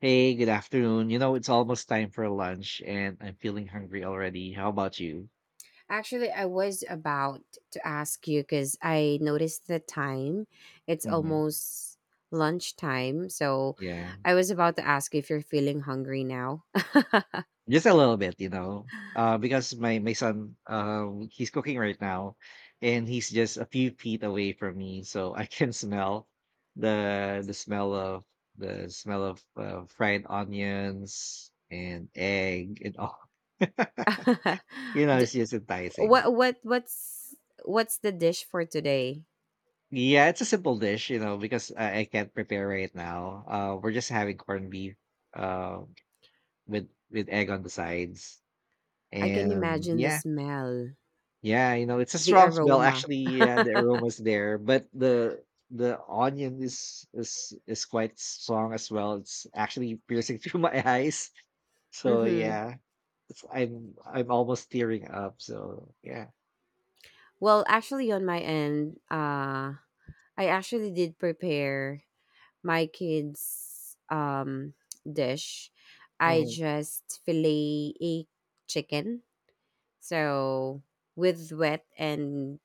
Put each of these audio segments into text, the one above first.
Hey, good afternoon. You know, it's almost time for lunch and I'm feeling hungry already. How about you? Actually, I was about to ask you because I noticed the time. It's Mhm. almost lunchtime. So Yeah. I was about to ask if you're feeling hungry now. Just a little bit, Because my son he's cooking right now and he's just a few feet away from me, so I can smell the smell of the smell of fried onions and egg and all. You know, D- it's just enticing. what what what's what's the dish for today? Yeah, it's a simple dish, because I can't prepare right now. We're just having corned beef, uh, with egg on the sides, I can and imagine the yeah, smell, yeah, you know, it's a the strong smell. aroma. Actually, yeah, the aroma's there, but the onion is quite strong as well. It's actually piercing through my eyes. So Mm-hmm. yeah, I'm almost tearing up. So yeah, Well, actually on my end, I actually did prepare my kids' dish. I mhm. just fillet a chicken, so with wet and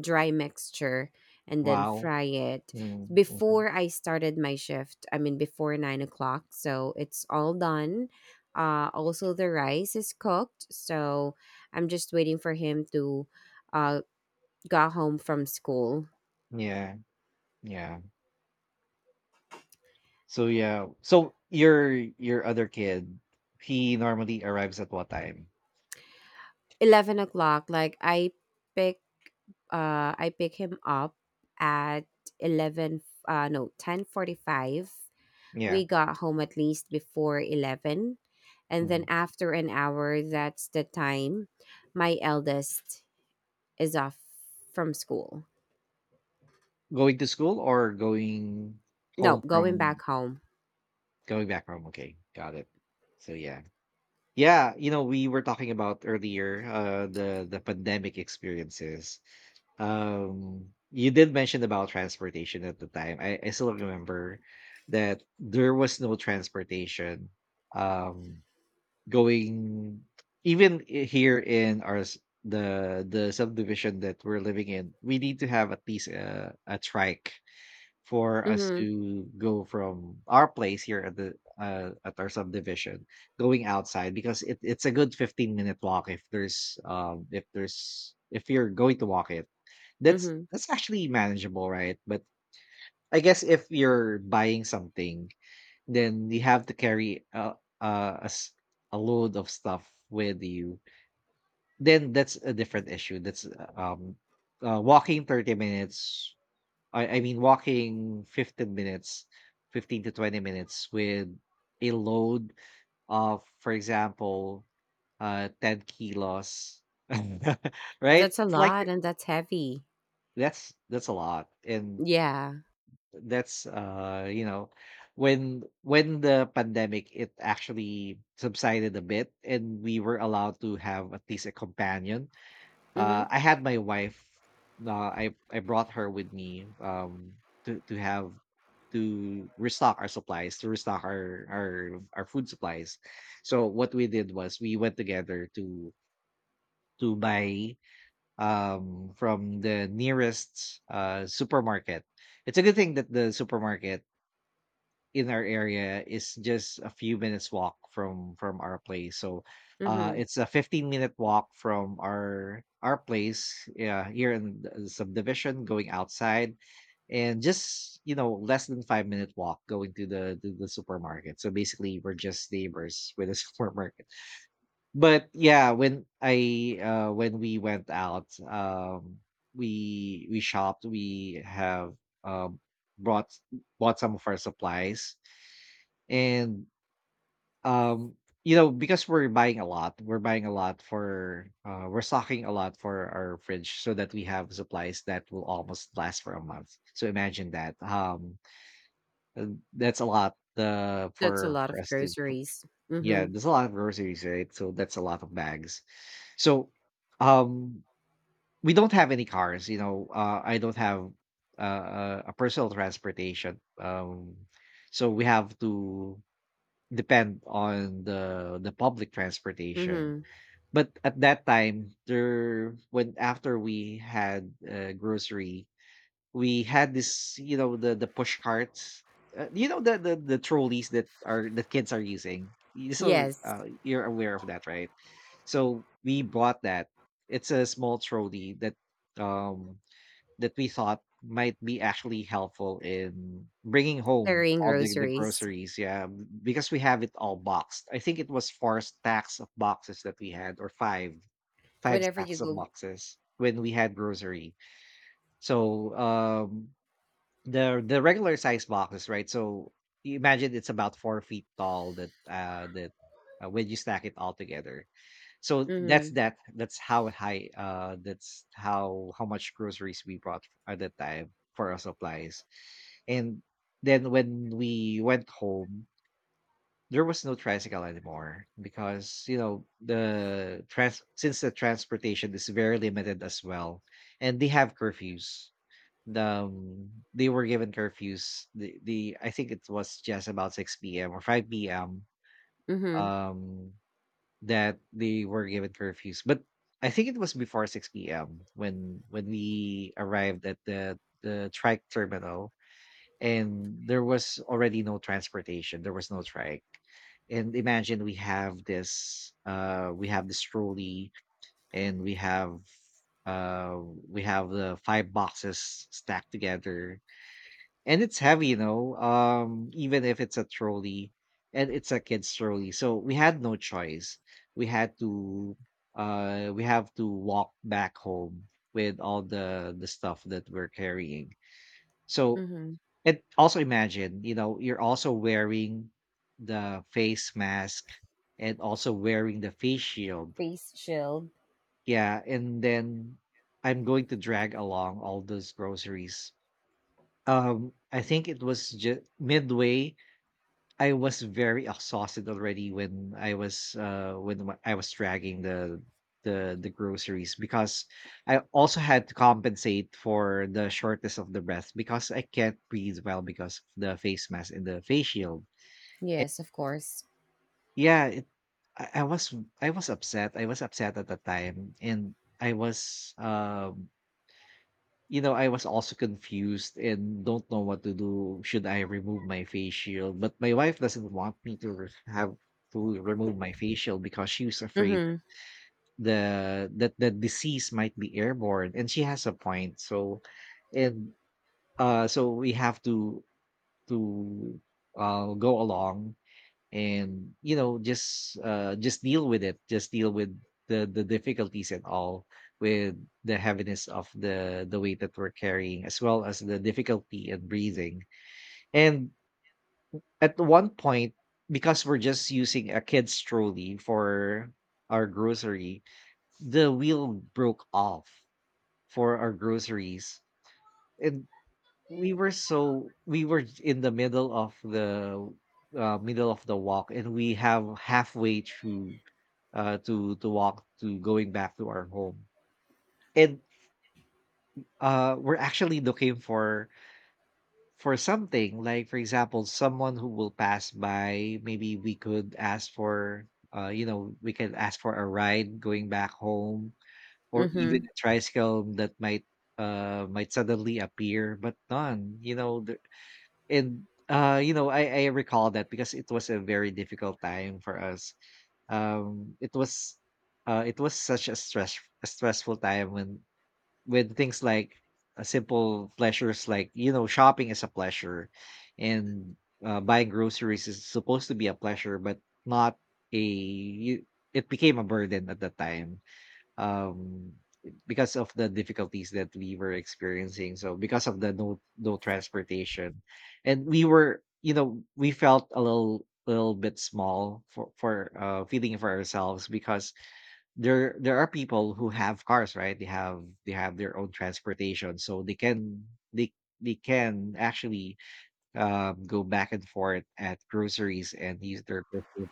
dry mixture, and then Wow, fry it. mm-hmm. Mm-hmm. Before I started my shift, I mean before 9 o'clock, so it's all done. Also, the rice is cooked, so I'm just waiting for him to uh, go home from school. Yeah, yeah. So yeah. So your other kid, he normally arrives at what time? 11 o'clock, like pick I pick him up at 11 no 10:45. Yeah. We got home at least before 11, and then Mhm. after an hour that's the time my eldest is off from school. Going to school or going No, home going from back home. going back home? Okay, got it. So yeah. Yeah, you know, we were talking about earlier the pandemic experiences. You did mention about transportation at the time. I still remember that there was no transportation. Um Going here in the subdivision that we're living in, we need to have at least a trike for us Mhm. to go from our place here at the at our subdivision, going outside, because it's a good 15-minute walk. If there's if you're going to walk it, Mhm. that's actually manageable, right? But I guess if you're buying something, then you have to carry a, a s- a load of stuff with you, then that's a different issue. That's walking 30 minutes, I mean walking 15 minutes, 15 to 20 minutes, with a load of, for example, 10 kilos, right? That's a It's like lot, and that's heavy. That's a lot, and Yeah. that's, you know, when the pandemic, it actually subsided a bit and we were allowed to have at least a companion. Mhm. I had my wife, I brought her with me to have to restock our supplies, to restock our our food supplies. So what we did was we went together to buy from the nearest supermarket. It's a good thing that the supermarket in our area is just a few minutes walk from our place. So Mhm. it's a 15-minute walk from our place, yeah, here in the subdivision going outside, and just, you know, less than 5 minute walk going to the supermarket. So basically we're just neighbors with a supermarket. But yeah, when I when we went out, we shopped, we have um brought bought some of our supplies, and, um, you know, because we're buying a lot, we're buying a lot for, we're stocking a lot for our fridge so that we have supplies that will almost last for a month. So imagine that. Uh, that's a lot, That's a lot for of us groceries. yeah, Mhm. there's a lot of groceries, right? So that's a lot of bags. So, um, we don't have any cars, you know, I don't have, a personal transportation. So we have to depend on the public transportation. Mhm. But at that time, there when after we had grocery, we had this, you know, the push carts, you know, the trolleys that are the kids are using. You, so Yes, you're aware of that, right? So we bought that. It's a small trolley that um that we thought might be actually helpful in bringing home carrying all the groceries groceries. Yeah, because we have it all boxed. I think it was 4 stacks of boxes that we had, or five, five whenever stacks you of go. boxes when we had grocery. So the regular size boxes, right? So you imagine it's about 4 feet tall. That when you stack it all together, so that's Mhm. that. That's how high. That's how much groceries we brought at that time for our supplies, and then when we went home. There was no tricycle anymore because, you know, the trans since the transportation is very limited as well, and they have curfews. They were given curfews. The I think it was just about 6 p.m. or 5 p.m. Mhm. Um, that they were given curfews, but I think it was before 6 p.m. when we arrived at the trike terminal, and there was already no transportation. There was no trike. And imagine we have this trolley, and uh, we have the 5 boxes stacked together, and it's heavy, you know, even if it's a trolley and it's a kid's trolley. So we had no choice. We had to we have to walk back home with all the stuff that we're carrying. So, Mm-hmm. and also imagine, you know, you're also wearing the face mask and also wearing the face shield. Face shield. Yeah, and then I'm going to drag along all those groceries. I think it was just midway I was very exhausted already when I was dragging the groceries, because I also had to compensate for the shortness of the breath, because I can't breathe well because of the face mask and the face shield. Yes, of course. Yeah, I was, I was upset. I was upset at the time, and I was, you know, I was also confused and don't know what to do. Should I remove my face shield? But my wife doesn't want have to remove my face shield because she was afraid Mm-hmm. That the disease might be airborne, and she has a point. So, and so we have to to go along, and, you know, just deal with it, just deal with the difficulties and all, with the heaviness of the weight that we're carrying, as well as the difficulty in breathing, and at one point, because we're just using a kid's trolley for our grocery, the wheel broke off for our groceries, and we were in the middle of the middle of the walk, and we have halfway through, to walk to going back to our home. And we're actually looking for something like, for example, someone who will pass by. Maybe we could ask for, you know, we can ask for a ride going back home, or Mm-hmm. even a tricycle that might suddenly appear, but none. You know, and you know, I recall that, because it was a very difficult time for us. It was, it was such a stressful time, when with things like, simple pleasures like, you know, shopping is a pleasure, and, buying groceries is supposed to be a pleasure, but not a. you- it became a burden at the time, um because of the difficulties that we were experiencing, so because of the no transportation, and we were, you know, we felt a little bit small for feeling for ourselves, because there are people who have cars, right? They have, their own transportation, so they can, they they can actually, go back and forth at groceries and use their personal,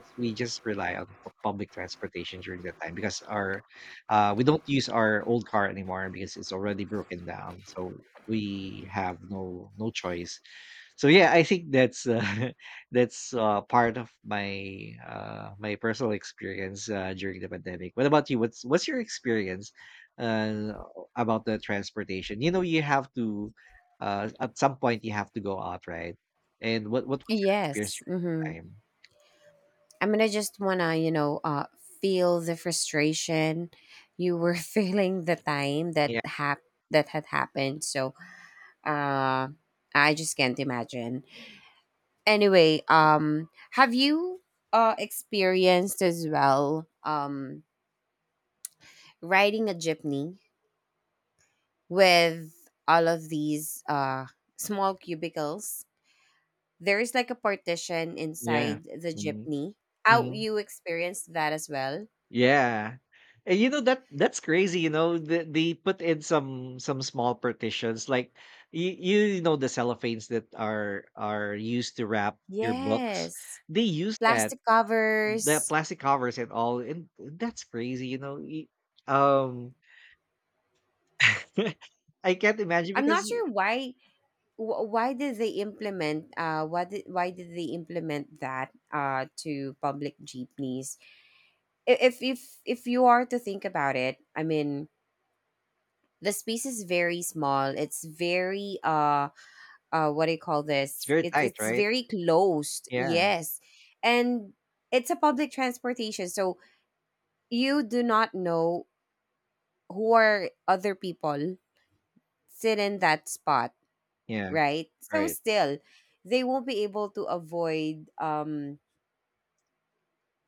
as we just rely on public transportation during that time, because our, we don't use our old car anymore because it's already broken down, so we have no choice. So yeah, I think that's that's part of my my personal experience during the pandemic. What about you? What's your experience, uh about the transportation? You know, you have to, at some point you have to go out, right? And what was your experience Yes. during Mm-hmm. that time? I mean, I just wanna, feel the frustration you were feeling the time that that had happened. So, uh, I just can't imagine. Anyway, have you experienced as well riding a jeepney with all of these small cubicles. There is like a partition Yeah. inside the Mhm, jeepney. How mhm. you experienced that as well? Yeah. And, you know, that's crazy, you know, they put in some small partitions like, you know, the cellophanes that are used to wrap your books. Yes. They use that, Plastic the covers. plastic covers and all, and that's crazy, you know. Um I can't imagine I'm not because sure why did they implement, why did they implement that to public jeepneys? If you are to think about it, I mean the space is very small. It's very what do you call it's this, very it's tight, it's right? very closed. Yeah. Yes, and it's a public transportation, so you do not know who are other people sit in that spot, Yeah. right? So Right. still they won't be able to avoid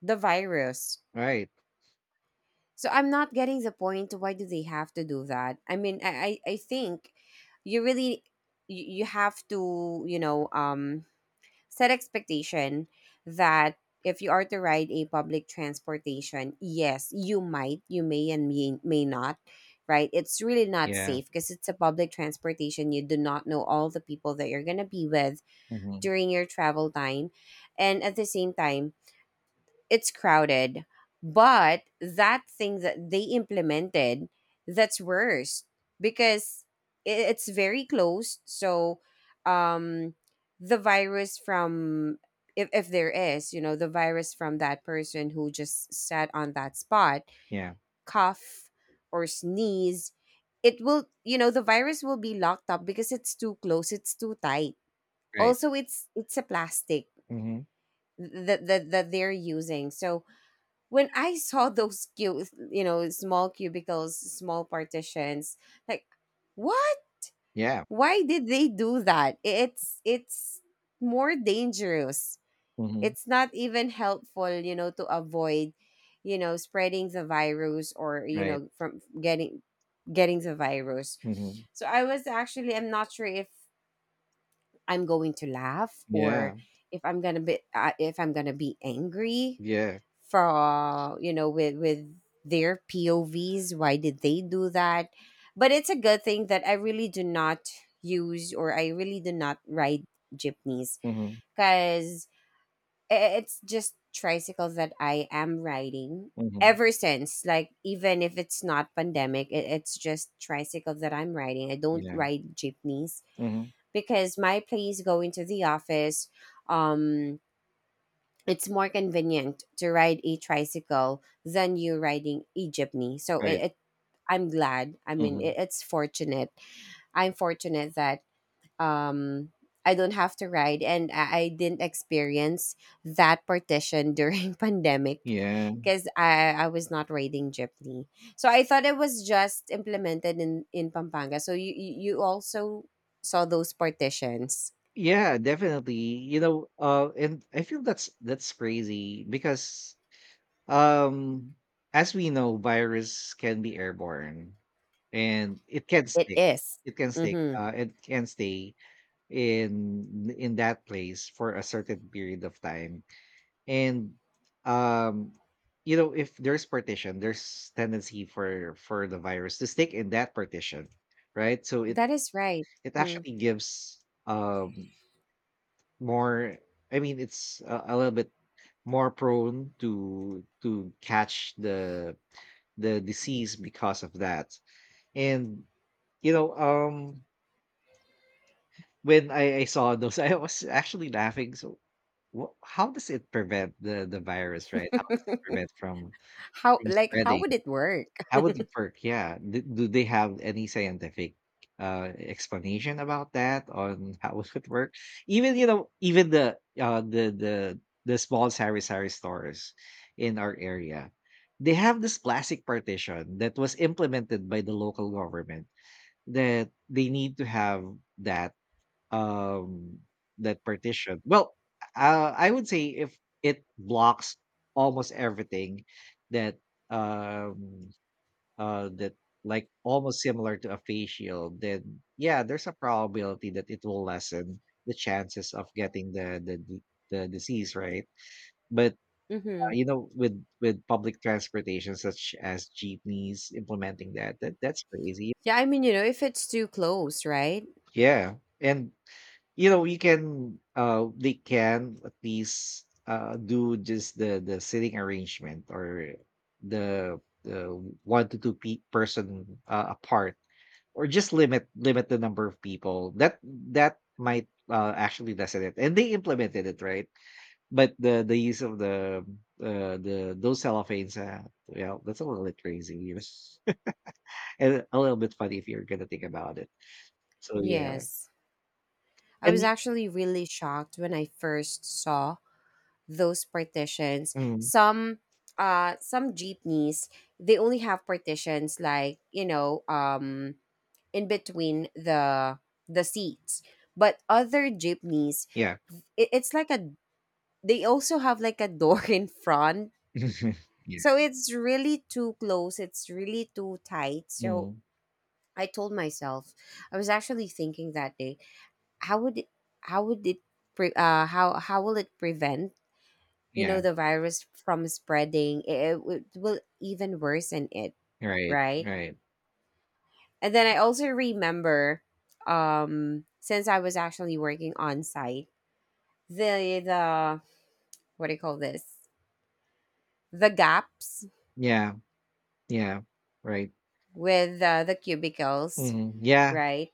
the virus. Right. So I'm not getting the point, why do they have to do that? I mean I think you really you have to, set expectation that if you are to ride a public transportation, yes, you might, you may, and may not, right? It's really not Yeah. safe because it's a public transportation. You do not know all the people that you're going to be with Hmm. during your travel time. And at the same time, it's crowded. But that thing that they implemented, that's worse because it's very close. So, um, the virus from if there is, the virus from that person who just sat on that spot, Yeah. cough or sneeze, the virus will be locked up because it's too close, it's too tight. Right. Also, it's a plastic Hmm. that they're using. So when I saw those cute, small cubicles, small partitions, like what? Yeah. Why did they do that? It's more dangerous. Hmm. It's not even helpful, to avoid, spreading the virus, or Right. From getting the virus. Mhm. So I was actually I'm not sure if I'm going to laugh, or Yeah. if I'm gonna be if I'm gonna be angry Yeah. for with their POVs. Why did they do that? But it's a good thing that I really do not use, or I really do not ride jeepneys Mhm. because it's just tricycle that I am riding Mhm. ever since, like even if it's not pandemic, it's just tricycle that I'm riding. I don't Yeah. ride jeepneys Mhm. because my place going to the office, um it's more convenient to ride a tricycle than you riding a jeepney. So Right. it I'm glad, I mean Mhm. it, it's fortunate I'm fortunate that um I don't have to ride, and I didn't experience that partition during pandemic Yeah. because I was not riding jeepney. So I thought it was just implemented in Pampanga. So you also saw those partitions. Yeah, definitely. You know, and I feel that's crazy because, um as we know, virus can be airborne and it can It stick. is. It can stick. Mhm. It can stay in that place for a certain period of time. And um you know, if there's partition, there's tendency for the virus to stick in that partition, right? So it That is right. it Hmm. actually gives um more, I mean it's a little bit more prone to catch the disease because of that. And you know um when I saw those I was actually laughing. So how does it prevent the virus, right? How does it prevent How, from like how spreading? would it work? How would it work? Yeah. Do they have any scientific, explanation about that, on how it would work? Even, you know, even the small sari-sari stores in our area, they have this plastic partition that was implemented by the local government, that they need to have that, um, that partition. Well, I would say if it blocks almost everything that, um that, like almost similar to a face shield, then yeah, there's a probability that it will lessen the chances of getting the the disease, right? But Mhm. you know, with public transportation such as jeepneys implementing that, that's crazy. Yeah, I mean, if it's too close, right? Yeah. And you know, you can uh, they can at least uh, do just the sitting arrangement, or the the one to two person apart, or just limit the number of people. That that might actually lessen it, and they implemented it, right? But the use of the uh, the those cellophanes, well, that's a little bit crazy, you know? And a little bit funny if you're gonna think about it. So yeah. Yes. I and was y- actually really shocked when I first saw those partitions. mm, Some jeepneys, they only have partitions, like in between the seats. But other jeepneys, yeah. it, it's like a they also have like a door in front. Yeah. So it's really too close, it's really too tight. So mm, I told myself, I was actually thinking that day, how would it how would it how will it prevent, yeah. The virus from spreading. Will even worsen it, Right, right? right. And then I also remember, since I was actually working on site, the what do you call this, the gaps Yeah. Yeah. Right. with the cubicles, Hmm. Yeah. right?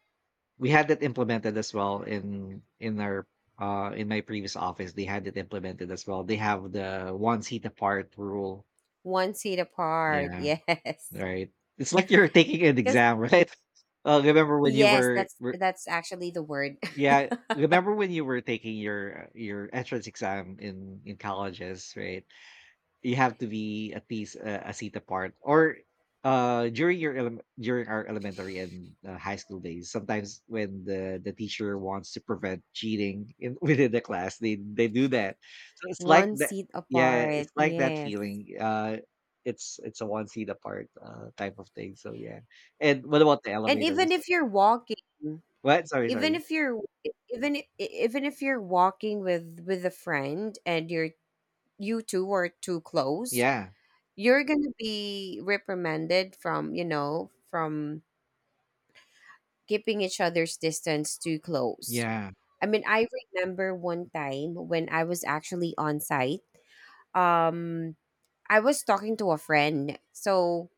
We had that implemented as well in our in my previous office. They had it implemented as well. They have the one seat apart rule. One seat apart, Yeah. yes. Right. It's like you're taking an Because exam, right? Uh, remember when you yes, were that's were- that's actually the word, yeah, remember when you were taking your entrance exam in colleges, right? You have to be at least a seat apart, or uh, during your during our elementary and high school days, sometimes when the teacher wants to prevent cheating in, within the class, they do that. So it's like one that. seat Yeah, apart, it's like that yes. feeling, uh, it's a one seat apart type of thing. So yeah. And what about the And even elevators? if you're walking, What? Sorry, even sorry. if you're even if you're walking with a friend, and you two are too close, Yeah. you're gonna be reprimanded from from keeping each other's distance too close. Yeah. I mean, I remember one time when I was actually on site, um I was talking to a friend. So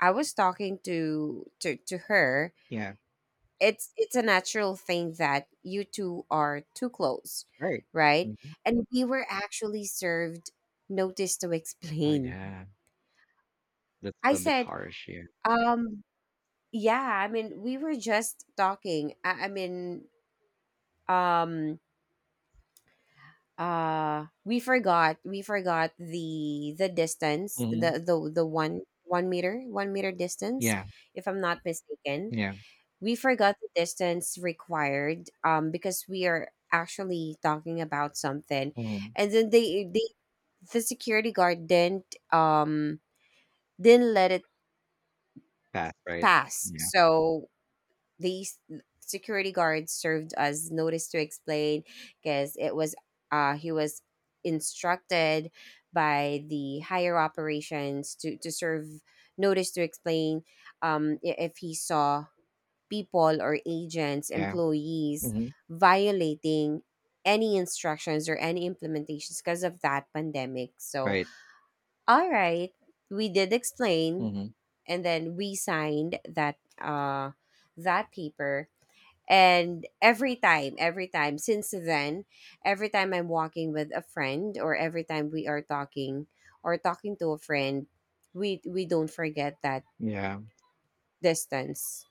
I was talking to her. Yeah. It's a natural thing that you two are too close, Right. right? Mhm. And we were actually served notice to Oh explain. yeah, that's I a bit said, harsh. Yeah. um yeah, I mean, we were just talking. I mean, um we forgot the distance, Hmm. the one one meter 1 meter distance, Yeah. if I'm not mistaken. Yeah. We forgot the distance required, because we are actually talking about something, Mhm. and then the security guard didn't, let it That's right. pass. Yeah. So these security guard served us notice to explain because it was he was instructed by the higher operations to serve notice to explain, if he saw people or agents, Yeah. employees Mhm. violating any instructions or any implementations because of that pandemic. So, Right. all right, we did explain, Mhm. and then we signed that that paper. And every time since then, every time I'm walking with a friend, or every time we are talking, or talking to a friend, we don't forget that Yeah. distance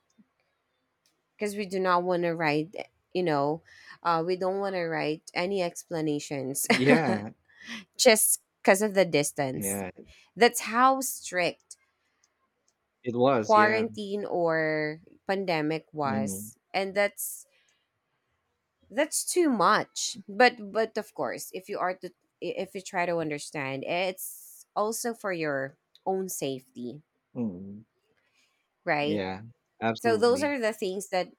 because we do not want to write, you know we don't want to write any explanations, Yeah. just because of the distance. Yeah. That's how strict It was. Yeah. quarantine or pandemic Mhm. was, and that's too much. But of course, if you are to if you try to understand, it's also for your own safety, Mhm. right? Yeah. So those Absolutely. are the things that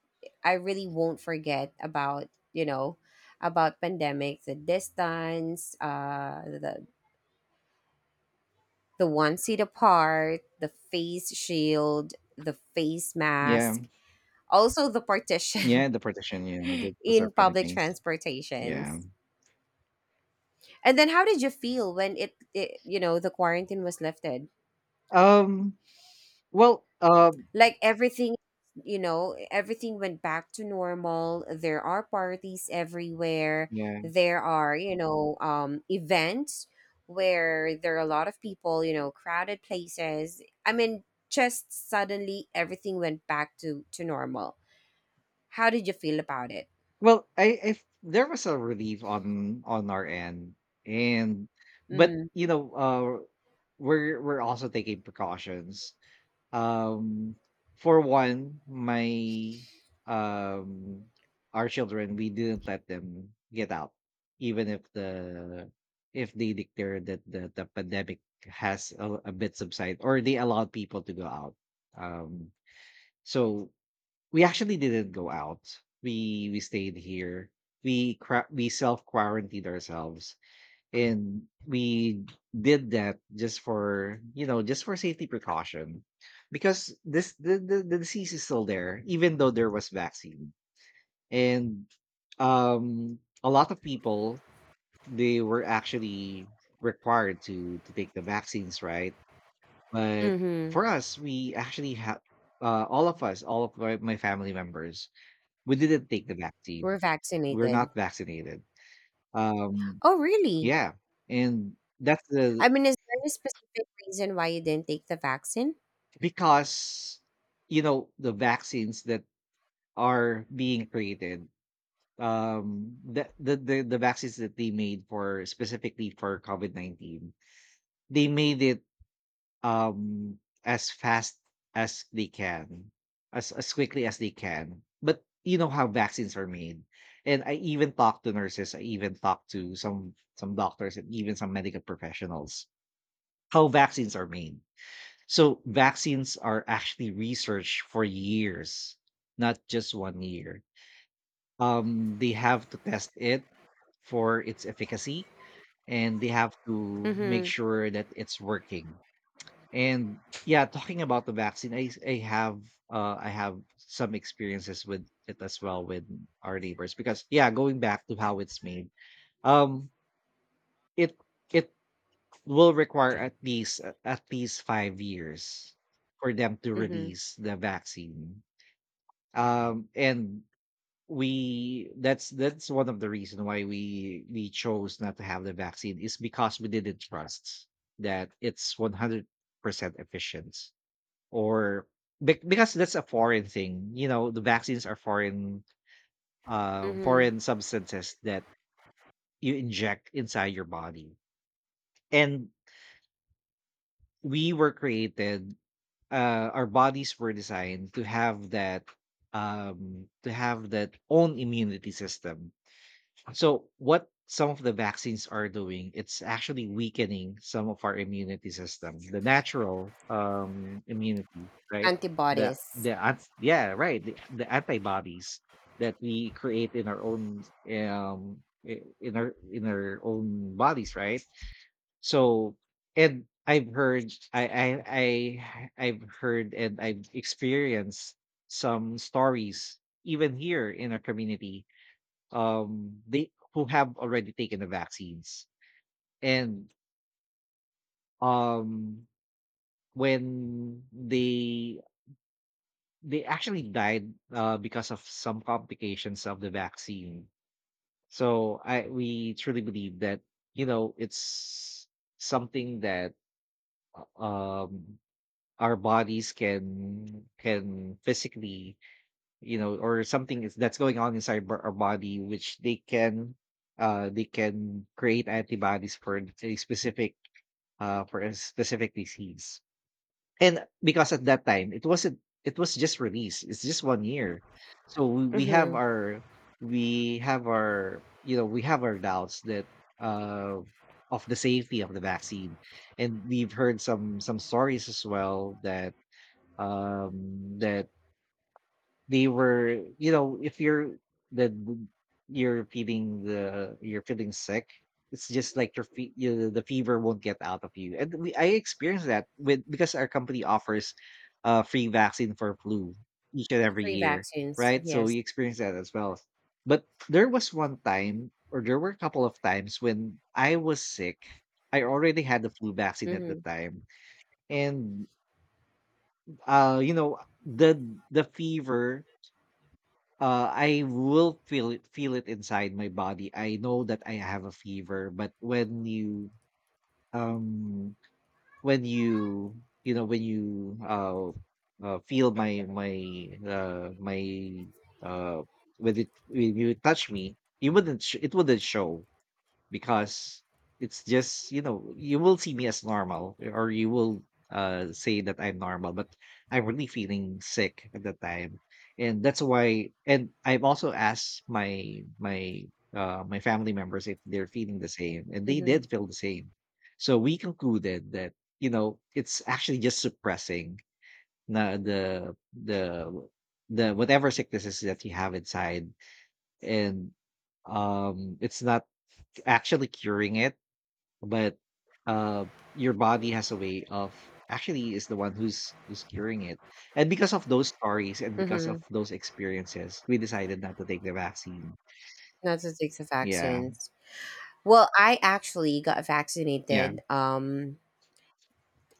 I really won't forget about, about pandemic: the distance, the one seat apart, the face shield, the face Yeah. mask, also the Yeah. partition, The partition. Yeah. Those are in funny public things. Yeah. transportations. And then how did you feel when it, the quarantine was lifted? Um. Well. Like everything, everything went back to normal. There are parties everywhere. Yeah. There are, events where there are a lot of people, crowded places. I mean, just suddenly everything went back to normal. How did you feel about it? Well, I. there was a relief on our end, and but Mm. you know, we're also taking precautions. Um, for one, my um our children, we didn't let them get out, even if the if they declared that the pandemic has a bit subside, or they allowed people to go out. Um, so we actually didn't go out. We stayed here. We we self quarantined ourselves, and we did that just for, you know, just for safety precaution, because this the disease is still there, even though there was vaccine. And um a lot of people, they were actually required to take the vaccines, right? But Mm-hmm. for us, we actually had, all of us, all of my family members, we didn't take the vaccine. We're We're vaccinated. not vaccinated. Um, Oh really? yeah, and that's I the, mean, is there any specific reason why you didn't take the vaccine? because you know, the vaccines that are being created, the the vaccines that they made for specifically for covid-19, they made it, um as fast as they can, as quickly as they can. But you know how vaccines are made, and I even talked to nurses, I even talked to some doctors and even some medical professionals, how vaccines are made. So vaccines are actually researched for years, not just 1 year. They have to test it for its efficacy, and they have to make Mm-hmm. sure that it's working. And yeah, talking about the vaccine, I have I have some experiences with it as well, with our neighbors, because yeah, going back to how it's made, um, it it will require at least 5 years for them to Mm-hmm. release the vaccine. And we that's one of the reason why we chose not to have the vaccine, is because we didn't trust that it's 100% efficient, or because that's a foreign thing. You know, the vaccines are foreign, uh, Mm-hmm. foreign substances that you inject inside your body, and we were created, our bodies were designed to have that, to have that own immunity system. So what some of the vaccines are doing, it's actually weakening some of our immunity system, the natural immunity, right? The Antibodies. Yeah right, the antibodies that we create in our own, um in our own bodies, right? So, and I've heard, I've heard and I've experienced some stories even here in our community, um, they who have already taken the vaccines, and um, when they actually died, because of some complications of the vaccine. So I, we truly believe that you know, it's something that, um our bodies can physically, you know, or something is that's going on inside our body, which they can uh, they can create antibodies for a specific, uh, for a specific disease. And because at that time, it wasn't, it was just released, it's just 1 year. So we have Mm-hmm. our, we have our, you know, we have our doubts that uh, of the safety of the vaccine. And we've heard some stories as well that, um, that they were, you know, if you're that w- you're feeling the, you're feeling sick. It's just like your the fever won't get out of you. And I experienced that with, because our company offers uh, free vaccine for flu each and every Free year, vaccines, right? So we yes. experienced that as well. But there was one time, or there were a couple of times when I was sick, I already had the flu vaccine at the Mhm, time. And uh, you know, the the fever, uh, I will feel it, feel it inside my body. I know that I have a fever, but when you, um when you know, when you feel my my uh when it when you touch me, you wouldn't it wouldn't show, because it's just, you know, you will see me as normal, or you will uh, say that I'm normal. But I'm really feeling sick at the time. And that's why, and I've also asked my my family members if they're feeling the same, and they mhm, did feel the same. So we concluded that, you know, it's actually just suppressing na the the whatever sicknesses that you have inside. And um, it's not actually curing it. But, uh, your body has a way of actually, is the one who's who's curing it. And because of those stories and because of mhm. those experiences, we decided not to take the vaccine. Not to take the Yeah. vaccines. Well, I actually got Yeah. vaccinated.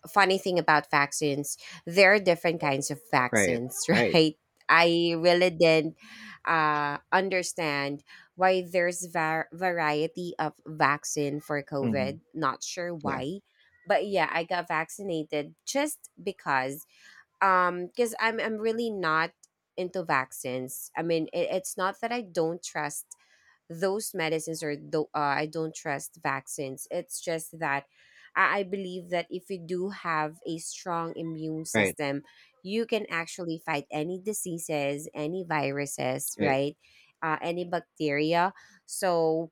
Funny thing about vaccines, there are different kinds of Right. vaccines, Right. right? I really didn't understand why there's variety of vaccine for Mhm. COVID. Not sure Yeah. why, but yeah, I got vaccinated just because, because I'm really not into vaccines. I mean, it's not that I don't trust those medicines, or though I don't trust vaccines. It's just that I believe that if you do have a strong immune Right. system, you can actually fight any diseases, any viruses, Right. right? Any bacteria. So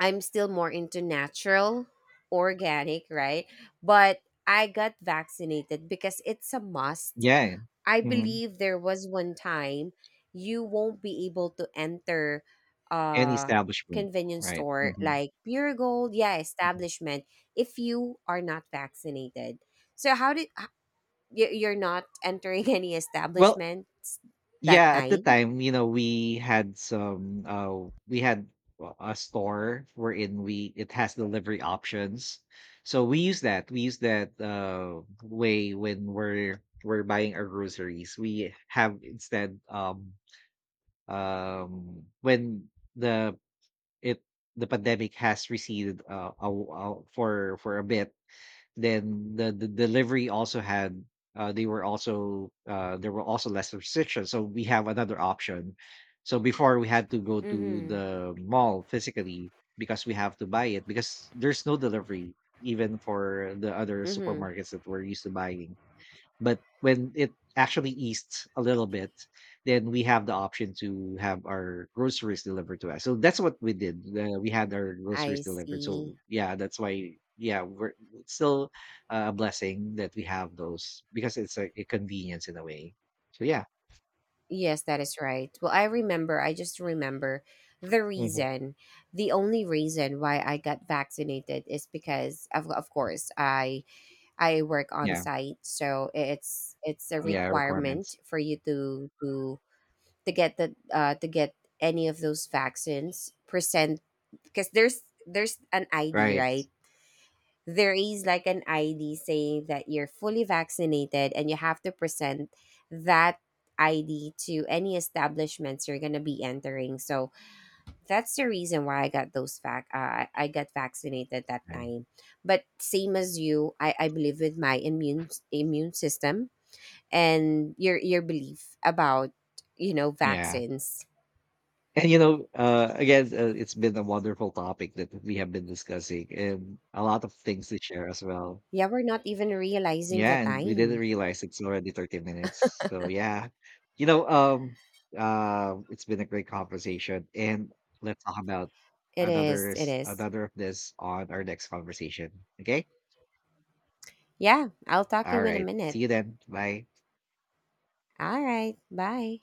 I'm still more into natural, organic, right? But I got vaccinated because it's a must. Yeah. I Mhm. believe there was one time you won't be able to enter An a establishment. convenience Right. store, Mhm. like Pure Gold, yeah, establishment, if you are not vaccinated. So how did you're not entering any Well, establishments that yeah, at the time? time, you know, we had some uh, we had a store wherein we, it has delivery options. So we use that, we use that way when we're buying our groceries. We have instead, when the it the pandemic has receded for a bit, then the delivery also had they were also there were also less restrictions, so we have another option. So before, we had to go to Mhm. the mall physically, because we have to buy it, because there's no delivery, even for the other Mhm. supermarkets that we're used to buying. But when it actually eased a little bit, then we have the option to have our groceries delivered to us. So that's what we did. We had our groceries I delivered. see. So yeah, that's why, yeah, we're, it's still a blessing that we have those, because it's a convenience in a way. So yeah. Yes, that is right. Well, I remember, I just remember the Mhm. reason, the only reason why I got vaccinated is because of course, I work on Yeah. site. So it's a Yeah. requirement Requirements. for you to get the, to get any of those vaccines present, because there's an ID, Right. right? There is like an ID saying that you're fully vaccinated, and you have to present that ID to any establishments you're gonna be entering. So that's the reason why I got those fac I got vaccinated that And- time. But same as you, I believe with my immune system and your belief about Yeah. vaccines. And you know, again, it's been a wonderful topic that we have been discussing, and a lot of things to share as well. Yeah, we're not even realizing the Yeah, and we didn't time. realize it's already 30 minutes. So yeah. You know, it's been a great conversation. And let's talk about It another is. It is. another of this on our next conversation. Okay? Yeah, I'll talk to All you in a right. See minute. you then. Bye. All right. Bye.